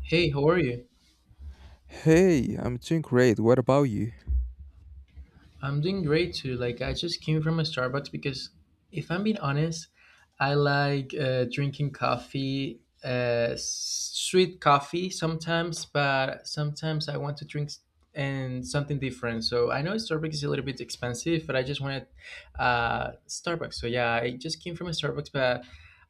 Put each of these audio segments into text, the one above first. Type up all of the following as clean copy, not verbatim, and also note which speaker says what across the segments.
Speaker 1: Hey, how are you?
Speaker 2: Hey, I'm doing great. What about you?
Speaker 1: I'm doing great too. Like, I just came from a Starbucks because, if I'm being honest, I like drinking coffee, sweet coffee sometimes, but sometimes I want to drink and something different. So I know Starbucks is a little bit expensive, but I just wanted Starbucks. So yeah, I just came from a Starbucks, but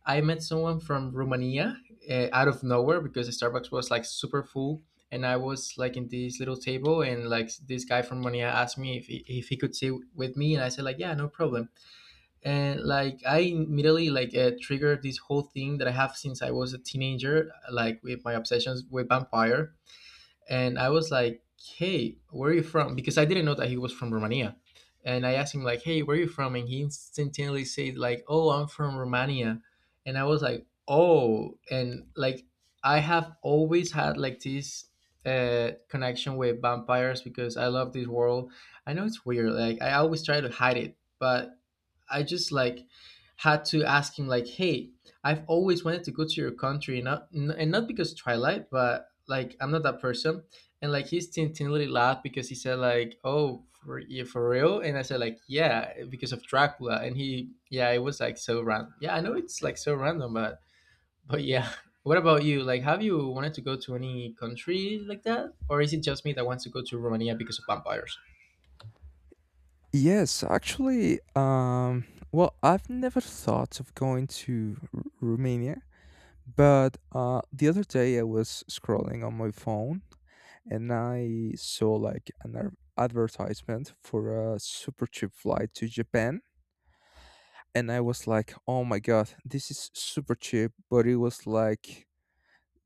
Speaker 1: I met someone from Romania out of nowhere because the Starbucks was like super full and I was like in this little table, and like this guy from Monia asked me if he could sit with me, and I said like yeah, no problem. And like I immediately like triggered this whole thing that I have since I was a teenager, like with my obsessions with vampire, and I was like, "Hey, where are you from?" Because I didn't know that he was from Romania, and I asked him like, "Hey, where are you from?" And he instantaneously said like, "Oh, I'm from Romania," and I was like, "Oh," and like I have always had like this connection with vampires because I love this world. I know it's weird, like I always try to hide it, but I just like had to ask him like, "Hey, I've always wanted to go to your country, not and not because Twilight, but like I'm not that person." And like he's tintinely laughed because he said like, "Oh, for yeah, for real?" And I said like, "Yeah, because of Dracula." And he, yeah, it was like so random. Yeah, I know it's like so random, but yeah. What about you? Like, have you wanted to go to any country like that, or is it just me that wants to go to Romania because of vampires?
Speaker 2: Yes, actually, well, I've never thought of going to Romania, but the other day I was scrolling on my phone, and I saw like an advertisement for a super cheap flight to Japan. And I was like, oh my God, this is super cheap, but it was like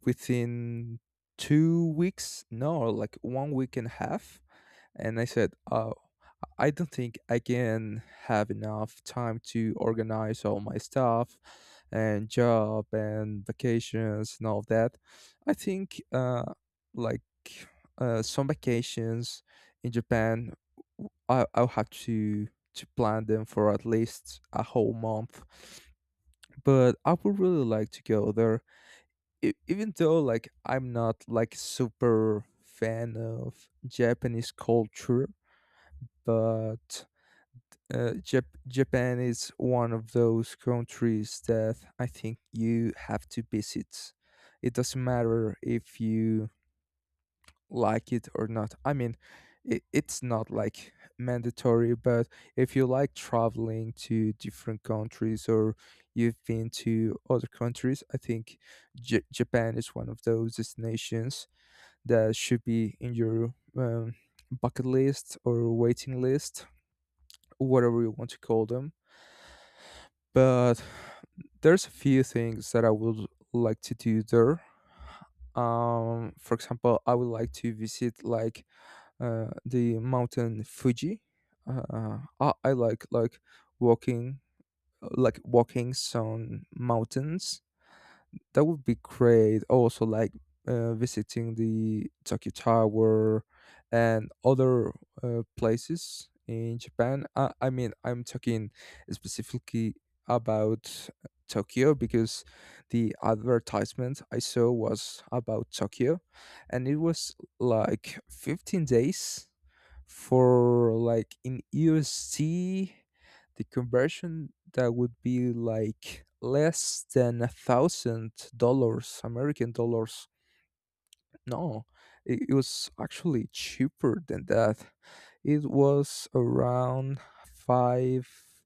Speaker 2: within 2 weeks, no, like one week and a half. And I said, I don't think I can have enough time to organize all my stuff and job and vacations and all that. I think like some vacations in Japan, I'll have to plan them for at least a whole month. But I would really like to go there. Even though, like, I'm not like super fan of Japanese culture. But Japan is one of those countries that I think you have to visit. It doesn't matter if you like it or not. I mean, it's not like mandatory, but if you like traveling to different countries, or you've been to other countries, I think Japan is one of those destinations that should be in your bucket list or waiting list, whatever you want to call them. But there's a few things that I would like to do there. For example, I would like to visit, like, the mountain Fuji. I walking like walking some mountains. That would be great. Also, like, visiting the Tokyo Tower, and other places in Japan. I mean, I'm talking specifically about Tokyo, because the advertisement I saw was about Tokyo, and it was like 15 days, for, like, in USD, the conversion, that would be like less than $1,000, American dollars. No, it was actually cheaper than that. It was around five,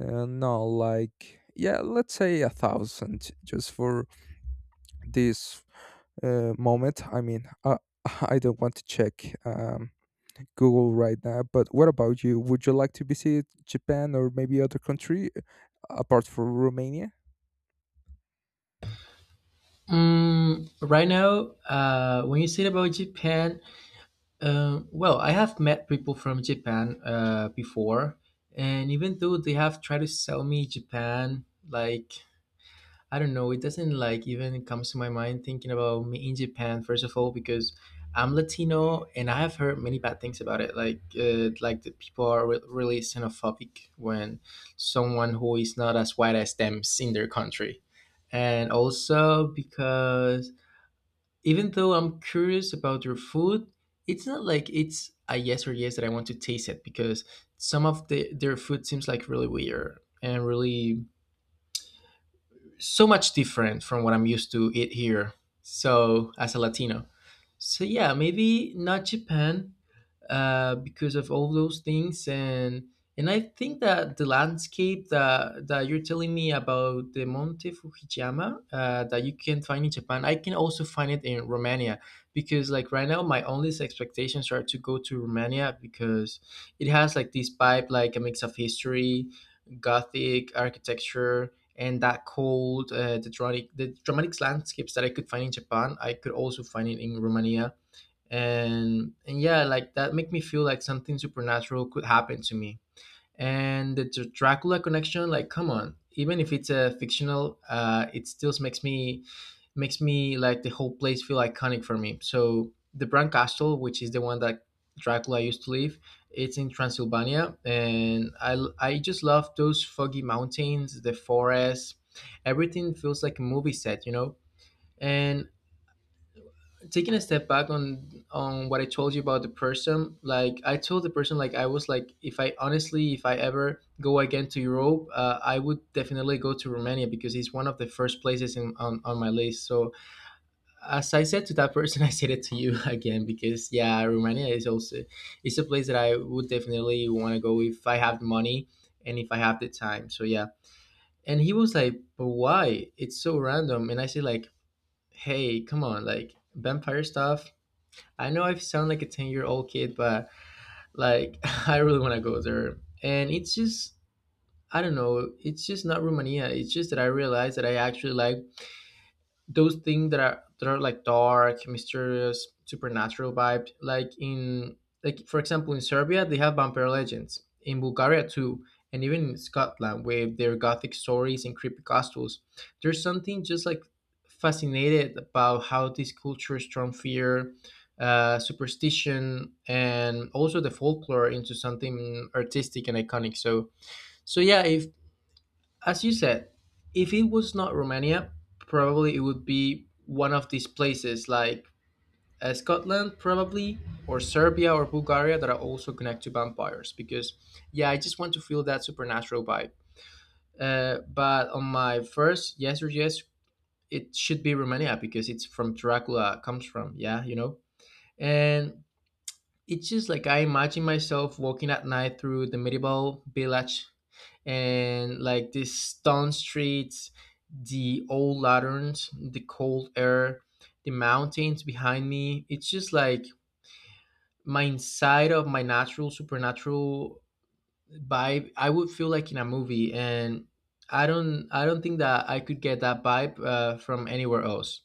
Speaker 2: no, like, yeah, let's say a thousand just for this moment. I mean, I, I don't want to check. Google right now. But what about you? Would you like to visit Japan, or maybe other country apart from Romania?
Speaker 1: Mm, right now, when you said about Japan, um, well, I have met people from Japan before, and even though they have tried to sell me Japan, like I don't know, it doesn't like even comes to my mind thinking about me in Japan. First of all, because I'm Latino, and I have heard many bad things about it. Like the people are really xenophobic when someone who is not as white as them is in their country, and also because even though I'm curious about your food, it's not like it's a yes or yes that I want to taste it because some of the, their food seems like really weird and really so much different from what I'm used to eat here. So as a Latino, so yeah, maybe not Japan, because of all those things and I think that the landscape that you're telling me about the Monte Fujiyama that you can find in Japan, I can also find it in Romania because like right now my only expectations are to go to Romania because it has like this vibe like a mix of history, gothic architecture and that cold the dramatic landscapes that I could find in Japan, I could also find it in Romania and yeah, like that make me feel like something supernatural could happen to me, and the Dracula connection, like come on, even if it's a fictional it still makes me, makes me like the whole place feel iconic for me. So the Bran castle, which is the one that Dracula used to live, it's in Transylvania, and I just love those foggy mountains, the forest, everything feels like a movie set, you know. And taking a step back on what I told you about the person, like I told the person, like I was like, if I honestly, if I ever go again to Europe, I would definitely go to Romania because it's one of the first places in, on my list. So as I said to that person, I said it to you again, because yeah, Romania is also, it's a place that I would definitely want to go if I have the money and if I have the time. So yeah, and he was like, but why? It's so random. And I said like, hey, come on, like vampire stuff, I know I sound like a ten-year-old year old kid, but like I really want to go there. And it's just, I don't know, it's just not Romania. It's just that I realized that I actually like those things that are like dark, mysterious, supernatural vibe. Like in, like for example in Serbia they have vampire legends. In Bulgaria too, and even in Scotland with their gothic stories and creepy castles. There's something just like fascinated about how these cultures turn fear, superstition, and also the folklore into something artistic and iconic. So yeah, if as you said, if it was not Romania, probably it would be one of these places like Scotland, probably, or Serbia or Bulgaria that are also connected to vampires. Because, yeah, I just want to feel that supernatural vibe. But on my first yes or yes, it should be Romania because it's from Dracula comes from. Yeah, you know. And it's just like I imagine myself walking at night through the medieval village and like these stone streets, the old lanterns, the cold air, the mountains behind me. It's just like my inside of my natural supernatural vibe. I would feel like in a movie, and I don't think that I could get that vibe from anywhere else.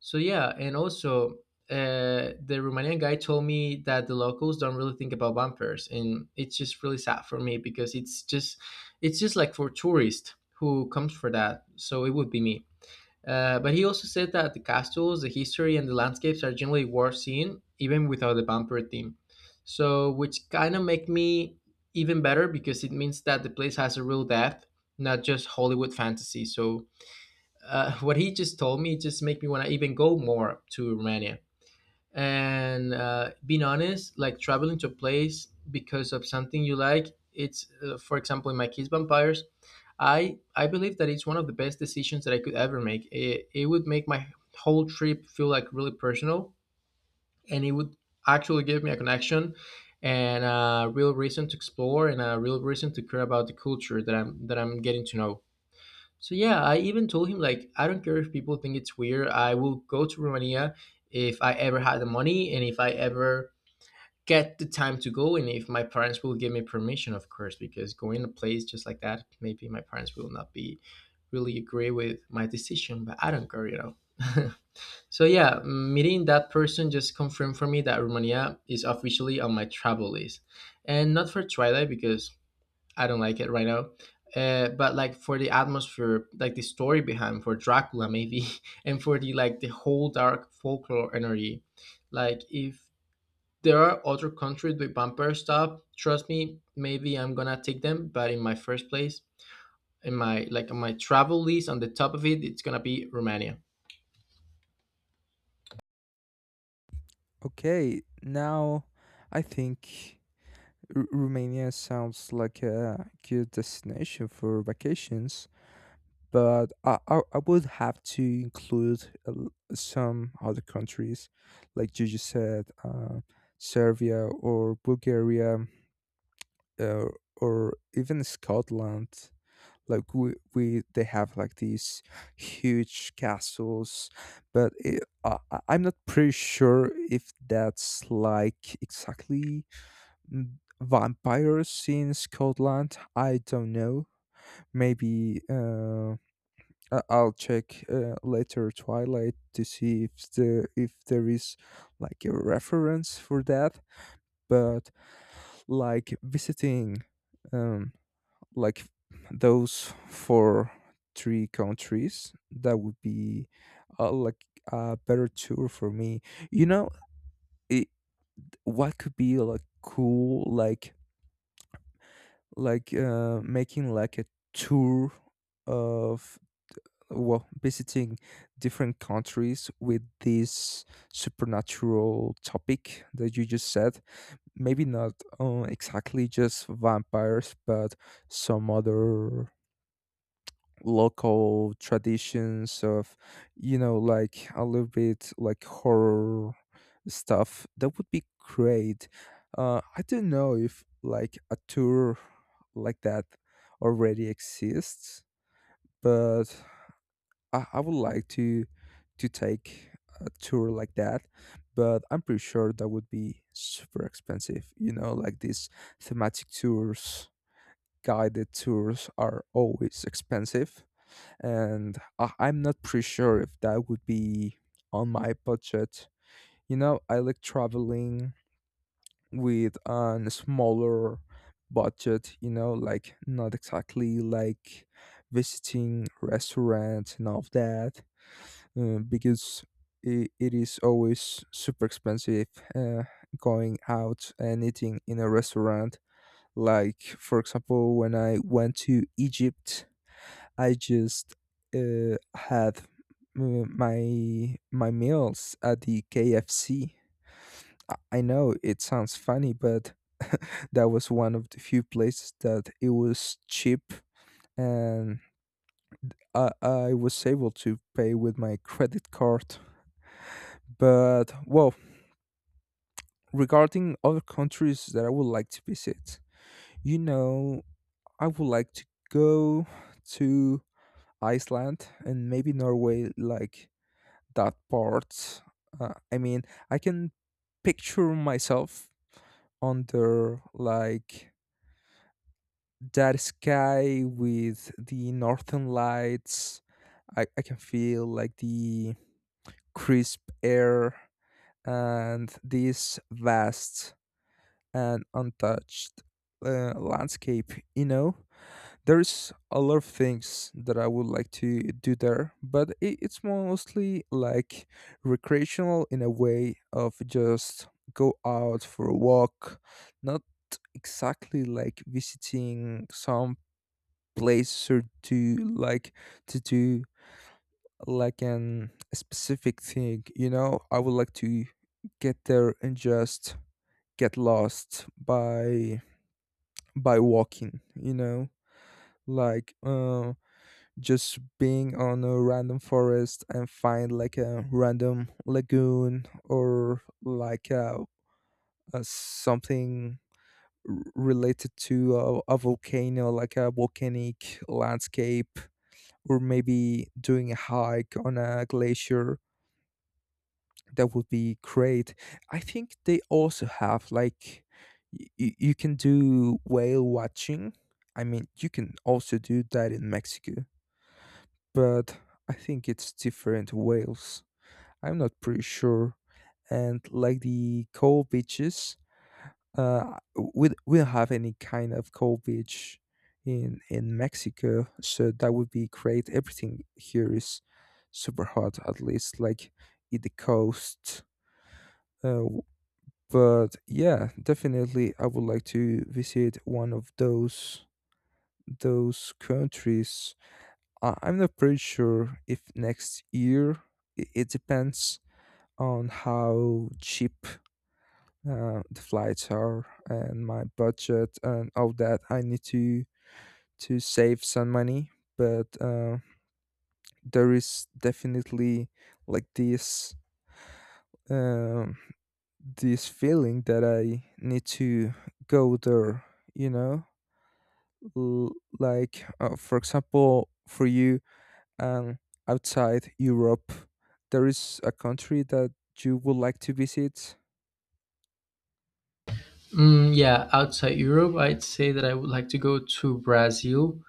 Speaker 1: So yeah, and also the Romanian guy told me that the locals don't really think about vampires, and it's just really sad for me because it's just, it's just like for tourists who comes for that. So it would be me. But he also said that the castles, the history, and the landscapes are generally worth seeing even without the vampire theme. So which kind of make me even better because it means that the place has a real depth, not just Hollywood fantasy. So what he just told me just make me want to even go more to Romania. And being honest, like traveling to a place because of something you like, it's for example in my case, vampires. I believe that it's one of the best decisions that I could ever make. It would make my whole trip feel like really personal, and it would actually give me a connection and a real reason to explore and a real reason to care about the culture that I'm getting to know. So yeah, I even told him like I don't care if people think it's weird. I will go to Romania if I ever had the money and if I ever get the time to go, and if my parents will give me permission, of course, because going to place just like that, maybe my parents will not be really agree with my decision, but I don't care, you know. So yeah, meeting that person just confirmed for me that Romania is officially on my travel list. And not for Twilight because I don't like it right now. But like for the atmosphere, like the story behind for Dracula maybe, and for the, like the whole dark folklore energy, like if there are other countries with vampire stuff, trust me, maybe I'm gonna take them. But in my first place, in my like on my travel list, on the top of it, it's gonna be Romania.
Speaker 2: Okay, now I think Romania sounds like a good destination for vacations, but I would have to include some other countries, like you just said, Serbia or Bulgaria, uh, or even Scotland. Like, we they have like these huge castles, but I'm not pretty sure if that's like exactly, mm, vampires in Scotland. I don't know. Maybe I'll check later, Twilight, to see if there is like a reference for that. But, like, visiting, um like, those for three countries, that would be, like, a better tour for me, you know. It, what could be like cool, like, making like a tour of, well, visiting different countries with this supernatural topic that you just said. Maybe not, exactly just vampires, but some other local traditions of, you know, like, a little bit like horror stuff. That would be great. I don't know if, like, a tour like that already exists, but I would like to take a tour like that. But I'm pretty sure that would be super expensive, you know, like these thematic tours, guided tours are always expensive. And I'm not pretty sure if that would be on my budget. You know, I like traveling with a smaller budget, you know, like, not exactly like visiting restaurants and all of that, because it is always super expensive, uh, going out and eating in a restaurant. Like, for example, when I went to Egypt, I just had my meals at the KFC. I know it sounds funny, but that was one of the few places that it was cheap, and I was able to pay with my credit card. But, well, regarding other countries that I would like to visit, you know, I would like to go to Iceland, and maybe Norway, like that part. I mean, I can picture myself under, like, that sky with the northern lights. I can feel, like, the crisp air, and this vast and untouched landscape, you know? There's a lot of things that I would like to do there, but it's mostly, like, recreational, in a way of just, go out for a walk, not exactly like visiting some place, or to, like, to do like an a specific thing, you know. I would like to get there and just get lost by walking, you know, like, just being on a random forest and find like a random lagoon, or like a something, related to a volcano, like a volcanic landscape. Or maybe doing a hike on a glacier. That would be great. I think they also have, like, you can do whale watching. I mean, you can also do that in Mexico, but I think it's different Wales. I'm not pretty sure. And like the cold beaches, uh, we don't have any kind of cold beach in Mexico, so that would be great. Everything here is super hot, at least like in the coast. Uh, but yeah, definitely, I would like to visit one of those countries. I'm not pretty sure if next year it depends on how cheap the flights are, and my budget, and all that. I need to save some money, but there is definitely like this, um, this feeling that I need to go there. You know, L- like, for example, for you. And outside Europe, there is a country that you would like to visit?
Speaker 1: Mm, yeah, outside Europe, I'd say that I would like to go to Brazil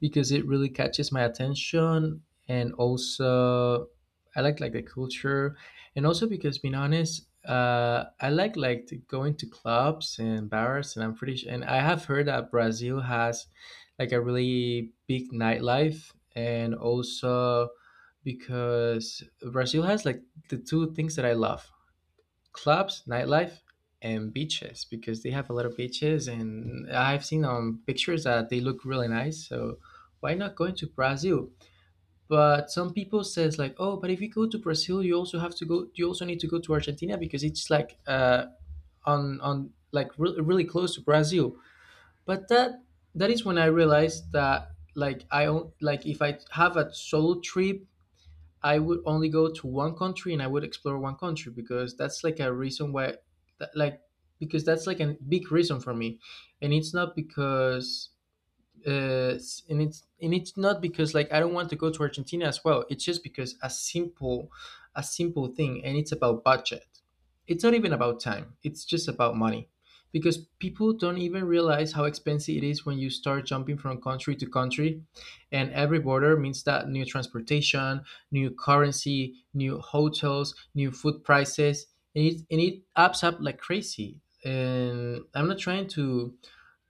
Speaker 1: because it really catches my attention, and also I like the culture, and also because being honest, I like to going to clubs and bars, and I'm pretty sure, and I have heard that Brazil has like a really big nightlife, and also because Brazil has like the two things that I love. Clubs, nightlife, and beaches because they have a lot of beaches, and I've seen on pictures that they look really nice. So why not going to Brazil? But some people says like, oh, but if you go to Brazil, you also have to go. You also need to go to Argentina because it's like on, like really close to Brazil. But that is when I realized that like I own, like if I have a solo trip I would only go to one country and I would explore one country because that's like a reason why, that, like, because that's like a big reason for me. And it's not because uh, and it's not because like I don't want to go to Argentina as well. It's just because a simple thing, and it's about budget. It's not even about time. It's just about money, because people don't even realize how expensive it is when you start jumping from country to country, and every border means that new transportation, new currency, new hotels, new food prices, and it adds up like crazy. And I'm not trying to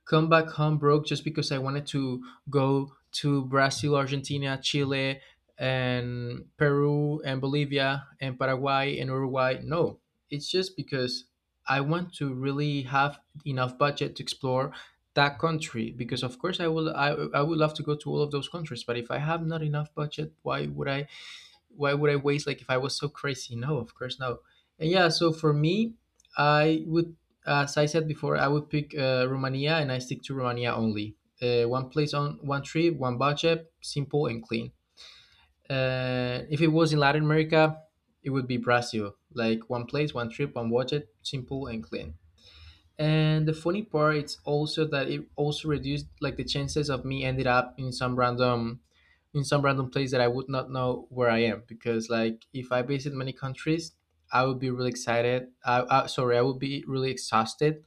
Speaker 1: come back home broke just because I wanted to go to Brazil, Argentina, Chile, and Peru, and Bolivia, and Paraguay, and Uruguay. No, it's just because I want to really have enough budget to explore that country, because of course I would love to go to all of those countries, but if I have not enough budget, why would I waste, like if I was so crazy? No, of course no. And yeah, so for me, I would, as I said before, I would pick Romania and I stick to Romania only. One place on one trip, one budget, simple and clean. If it was in Latin America, it would be Brazil. Like one place, one trip, one budget, simple and clean. And the funny part is also that it also reduced like the chances of me ended up in some random place that I would not know where I am, because like if I visit many countries, I would be really excited. I would be really exhausted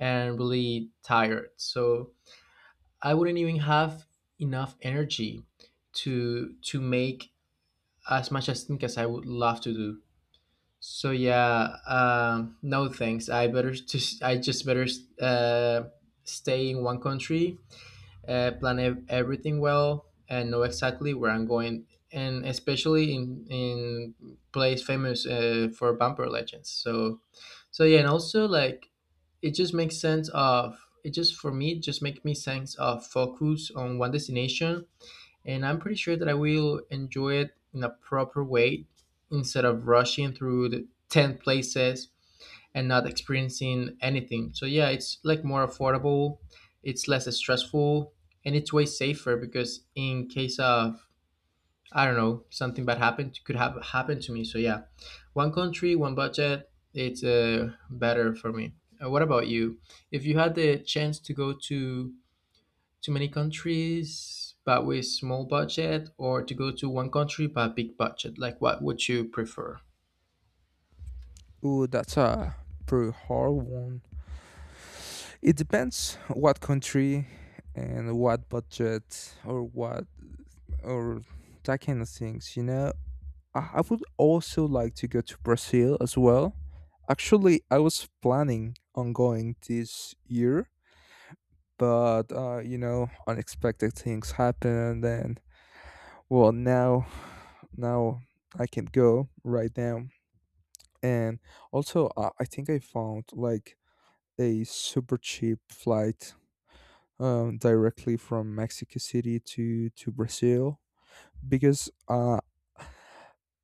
Speaker 1: and really tired. So I wouldn't even have enough energy to make as much as think as I would love to do. So yeah, no thanks. I better just I just better uh, stay in one country, plan everything well, and know exactly where I'm going, and especially in place famous for bumper legends. So yeah, and also like it just makes sense of it just for me it just make me sense of focus on one destination, and I'm pretty sure that I will enjoy it in a proper way instead of rushing through the 10 places and not experiencing anything. So yeah, it's like more affordable, it's less stressful, and it's way safer because in case of I don't know, something bad happened could have happened to me. So yeah, one country, one budget, it's better for me. What about you? If you had the chance to go to many countries but with small budget, or to go to one country but big budget, like what would you prefer?
Speaker 2: Ooh, that's a pretty hard one. It depends what country, and what budget, or what, or that kind of things, you know. I would also like to go to Brazil as well. Actually, I was planning on going this year, but you know, unexpected things happened, and well, now I can't go right now. And also, I think I found like a super cheap flight, directly from Mexico City to Brazil, because uh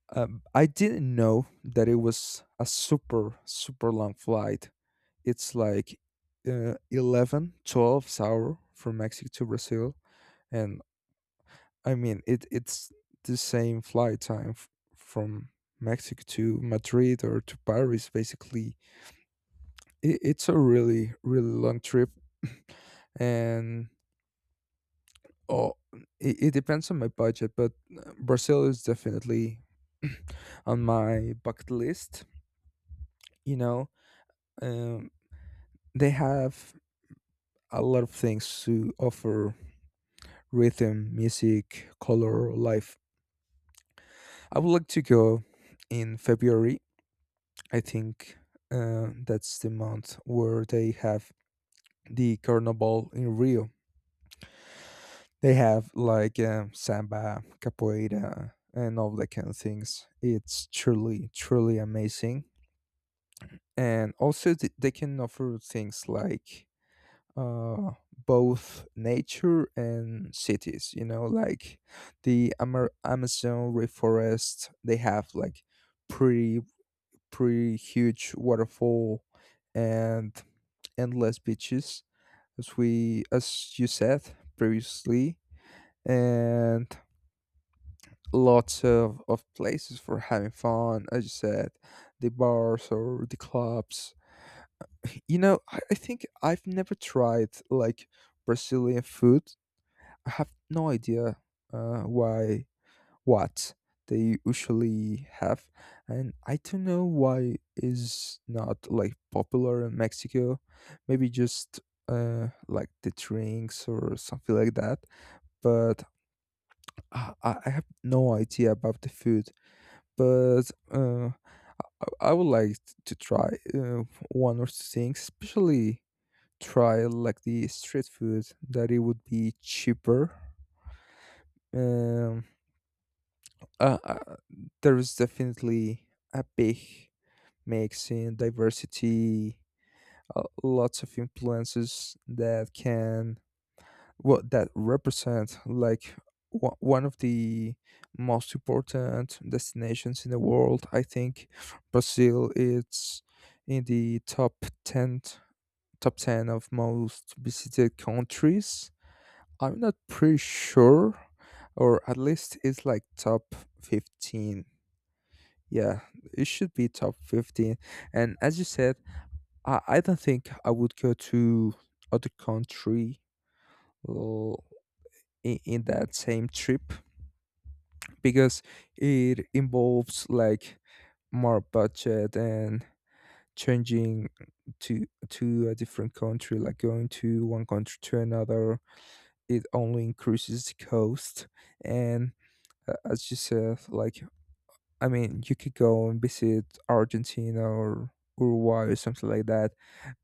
Speaker 2: Um, I didn't know that it was a super, super long flight. It's like 11, 12 hour from Mexico to Brazil. And I mean, it's the same flight time from Mexico to Madrid, or to Paris, basically. It's a really, really long trip. And, oh, it depends on my budget, but Brazil is definitely on my bucket list. You know, um, they have a lot of things to offer: rhythm, music, color, life. I would like to go in February. I think that's the month where they have the carnival in Rio. They have, like, samba, capoeira, and all that kind of things. It's truly, truly amazing. And also, they can offer things like uh, both nature and cities. You know, like the Amazon rainforest, they have like pretty, pretty huge waterfall, and endless beaches, as we, as you said previously, and lots of places for having fun, as you said, the bars or the clubs, you know. I think I've never tried, like, Brazilian food. I have no idea, why what they usually have, and I don't know why is not, like, popular in Mexico. Maybe just, like, the drinks or something like that. But I have no idea about the food. But I would like to try one or two things, especially try like the street food, that it would be cheaper. Um, uh, uh, there is definitely a big mix in diversity, lots of influences that represent, like, one of the most important destinations in the world. I think Brazil is in the top ten, of most visited countries. I'm not pretty sure, or at least it's like top 15. Yeah, it should be top 15. And as you said, I don't think I would go to other country, uh, in that same trip, because it involves like more budget, and changing to a different country, like going to one country to another, it only increases the cost. And as you said, like, I mean, you could go and visit Argentina, or Uruguay, or something like that,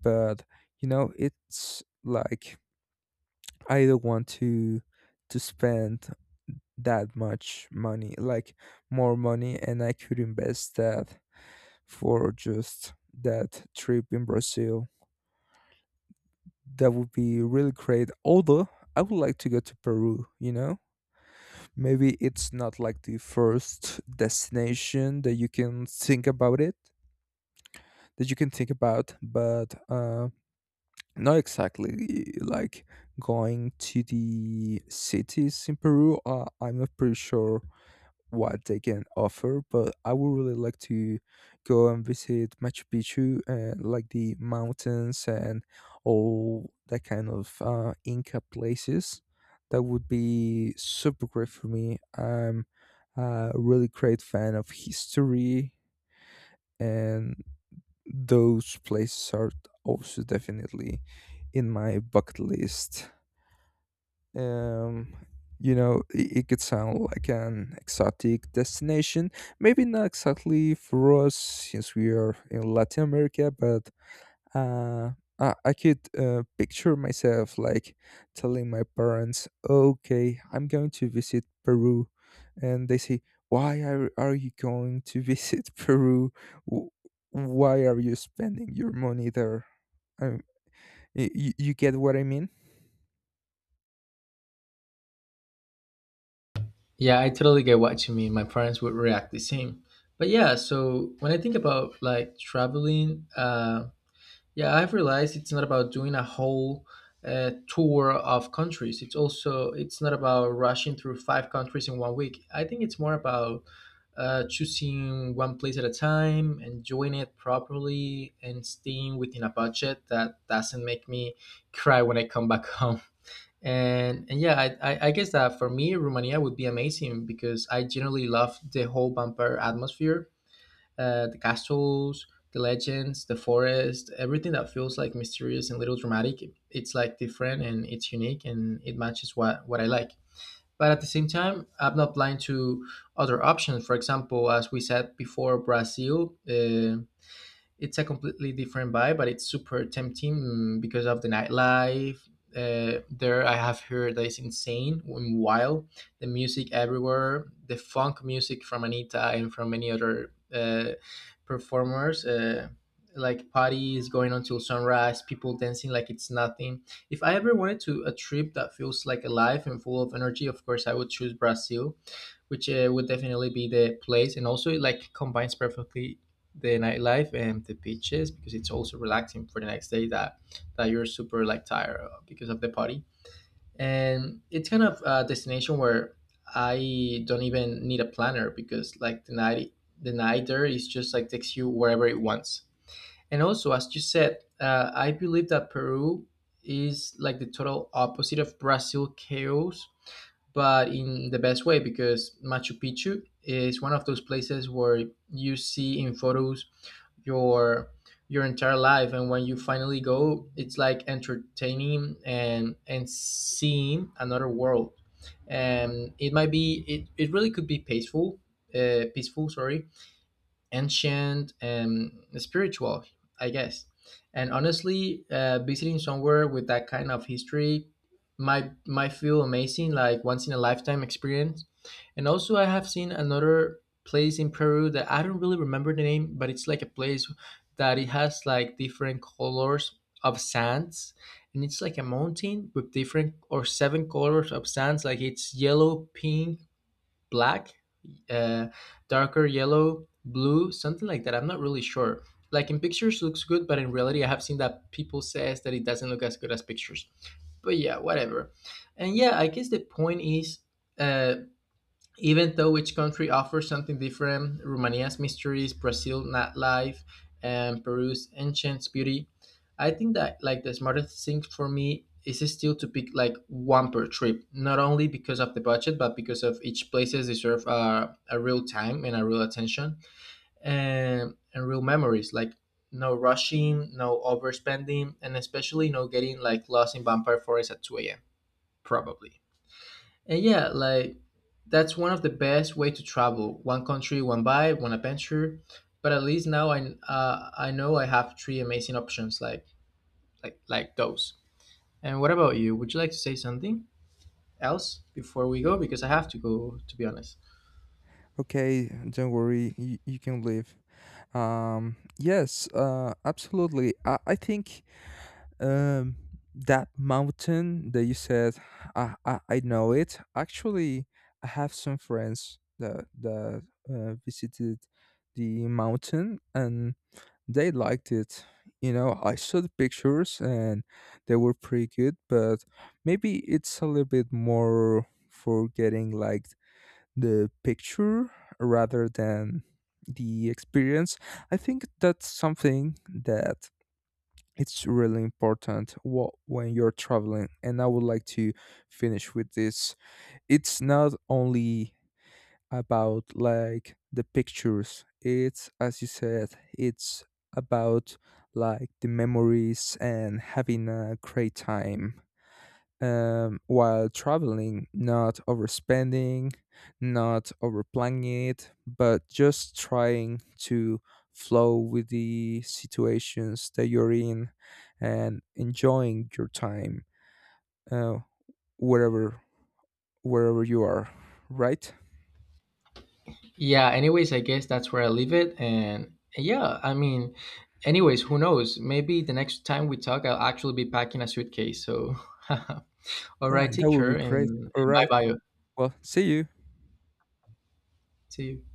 Speaker 2: but, you know, it's like I don't want to spend that much money, like more money, and I could invest that for just that trip in Brazil. That would be really great. Although I would like to go to Peru, you know? Maybe it's not like the first destination that you can think about it, that you can think about, but not exactly like going to the cities in Peru. I'm not pretty sure what they can offer, but I would really like to go and visit Machu Picchu, and like the mountains, and all that kind of Inca places. That would be super great for me. I'm a really great fan of history, and those places are also definitely in my bucket list. Um, you know, it could sound like an exotic destination. Maybe not exactly for us since we are in Latin America, but uh, I could picture myself, like, telling my parents, okay, I'm going to visit Peru. And they say, why are you going to visit Peru? Wh- Why are you spending your money there? Um, you, you get what I mean?
Speaker 1: Yeah, I totally get what you mean. My parents would react the same. But yeah, so when I think about like traveling, yeah, I've realized it's not about doing a whole tour of countries. It's not about rushing through five countries in one week. I think it's more about choosing one place at a time, enjoying it properly, and staying within a budget that doesn't make me cry when I come back home. And yeah, I guess that for me, Romania would be amazing because I generally love the whole vampire atmosphere, the castles, the legends, the forest, everything that feels like mysterious and little dramatic. It's like different and it's unique and it matches what I like. But at the same time, I'm not blind to other options. For example, as we said before, Brazil. It's a completely different vibe, but it's super tempting because of the nightlife. I have heard that it's insane and wild. The music everywhere, the funk music from Anita and from many other performers. Like parties going on till sunrise, people dancing like it's nothing. If I ever wanted to a trip that feels like alive and full of energy, of course I would choose Brazil, which would definitely be the place, and also it like combines perfectly the nightlife and the beaches because it's also relaxing for the next day that you're super like tired of because of the party. And it's kind of a destination where I don't even need a planner because like the night there is just like takes you wherever it wants. And also, as you said, I believe that Peru is like the total opposite of Brazil chaos, but in the best way, because Machu Picchu is one of those places where you see in photos your your entire life, and when you finally go it's like entertaining and seeing another world. And it might be it really could be peaceful, sorry, ancient and spiritual, I guess. And honestly, visiting somewhere with that kind of history might feel amazing, like once in a lifetime experience. And also, I have seen another place in Peru that I don't really remember the name, but it's like a place that it has like different colors of sands, and it's like a mountain with different or seven colors of sands, like it's yellow, pink, black, uh, darker yellow, blue, something like that. I'm not really sure. Like in pictures looks good, but in reality I have seen that people says that it doesn't look as good as pictures. But yeah, whatever. And yeah, I guess the point is uh even though each country offers something different, Romania's mysteries, Brazil nightlife, and Peru's ancient beauty, I think that like the smartest thing for me is still to pick like one per trip, not only because of the budget, but because of each places deserve a real time and a real attention and real memories. Like no rushing, no overspending, and especially no getting like lost in vampire forest at 2 a.m. Probably. And yeah, like that's one of the best way to travel. One country, one vibe, one adventure. But at least now I know I have three amazing options like like those. And what about you? Would you like to say something else before we go? Because I have to go to be honest.
Speaker 2: Okay, don't worry, you can leave. Um, yes, absolutely. I think, um that mountain that you said, I know it, actually, I have some friends that visited the mountain, and they liked it. You know, I saw the pictures, and they were pretty good, but maybe it's a little bit more for getting like the picture rather than the experience. I think that's something that it's really important, what, when you're traveling. And I would like to finish with this. It's not only about, like, the pictures. It's, as you said, it's about, like, the memories and having a great time, while traveling. Not overspending, not overplanning it, but just trying to flow with the situations that you're in, and enjoying your time, uh, wherever wherever you are, right?
Speaker 1: Yeah. Anyways, I guess that's where I leave it. And yeah, I mean, anyways, who knows? Maybe the next time we talk, I'll actually be packing a suitcase. So, all
Speaker 2: Yeah,
Speaker 1: right,
Speaker 2: that
Speaker 1: take
Speaker 2: would be
Speaker 1: care and,
Speaker 2: great. All
Speaker 1: bye
Speaker 2: right.
Speaker 1: bye.
Speaker 2: Well, see you.
Speaker 1: See you.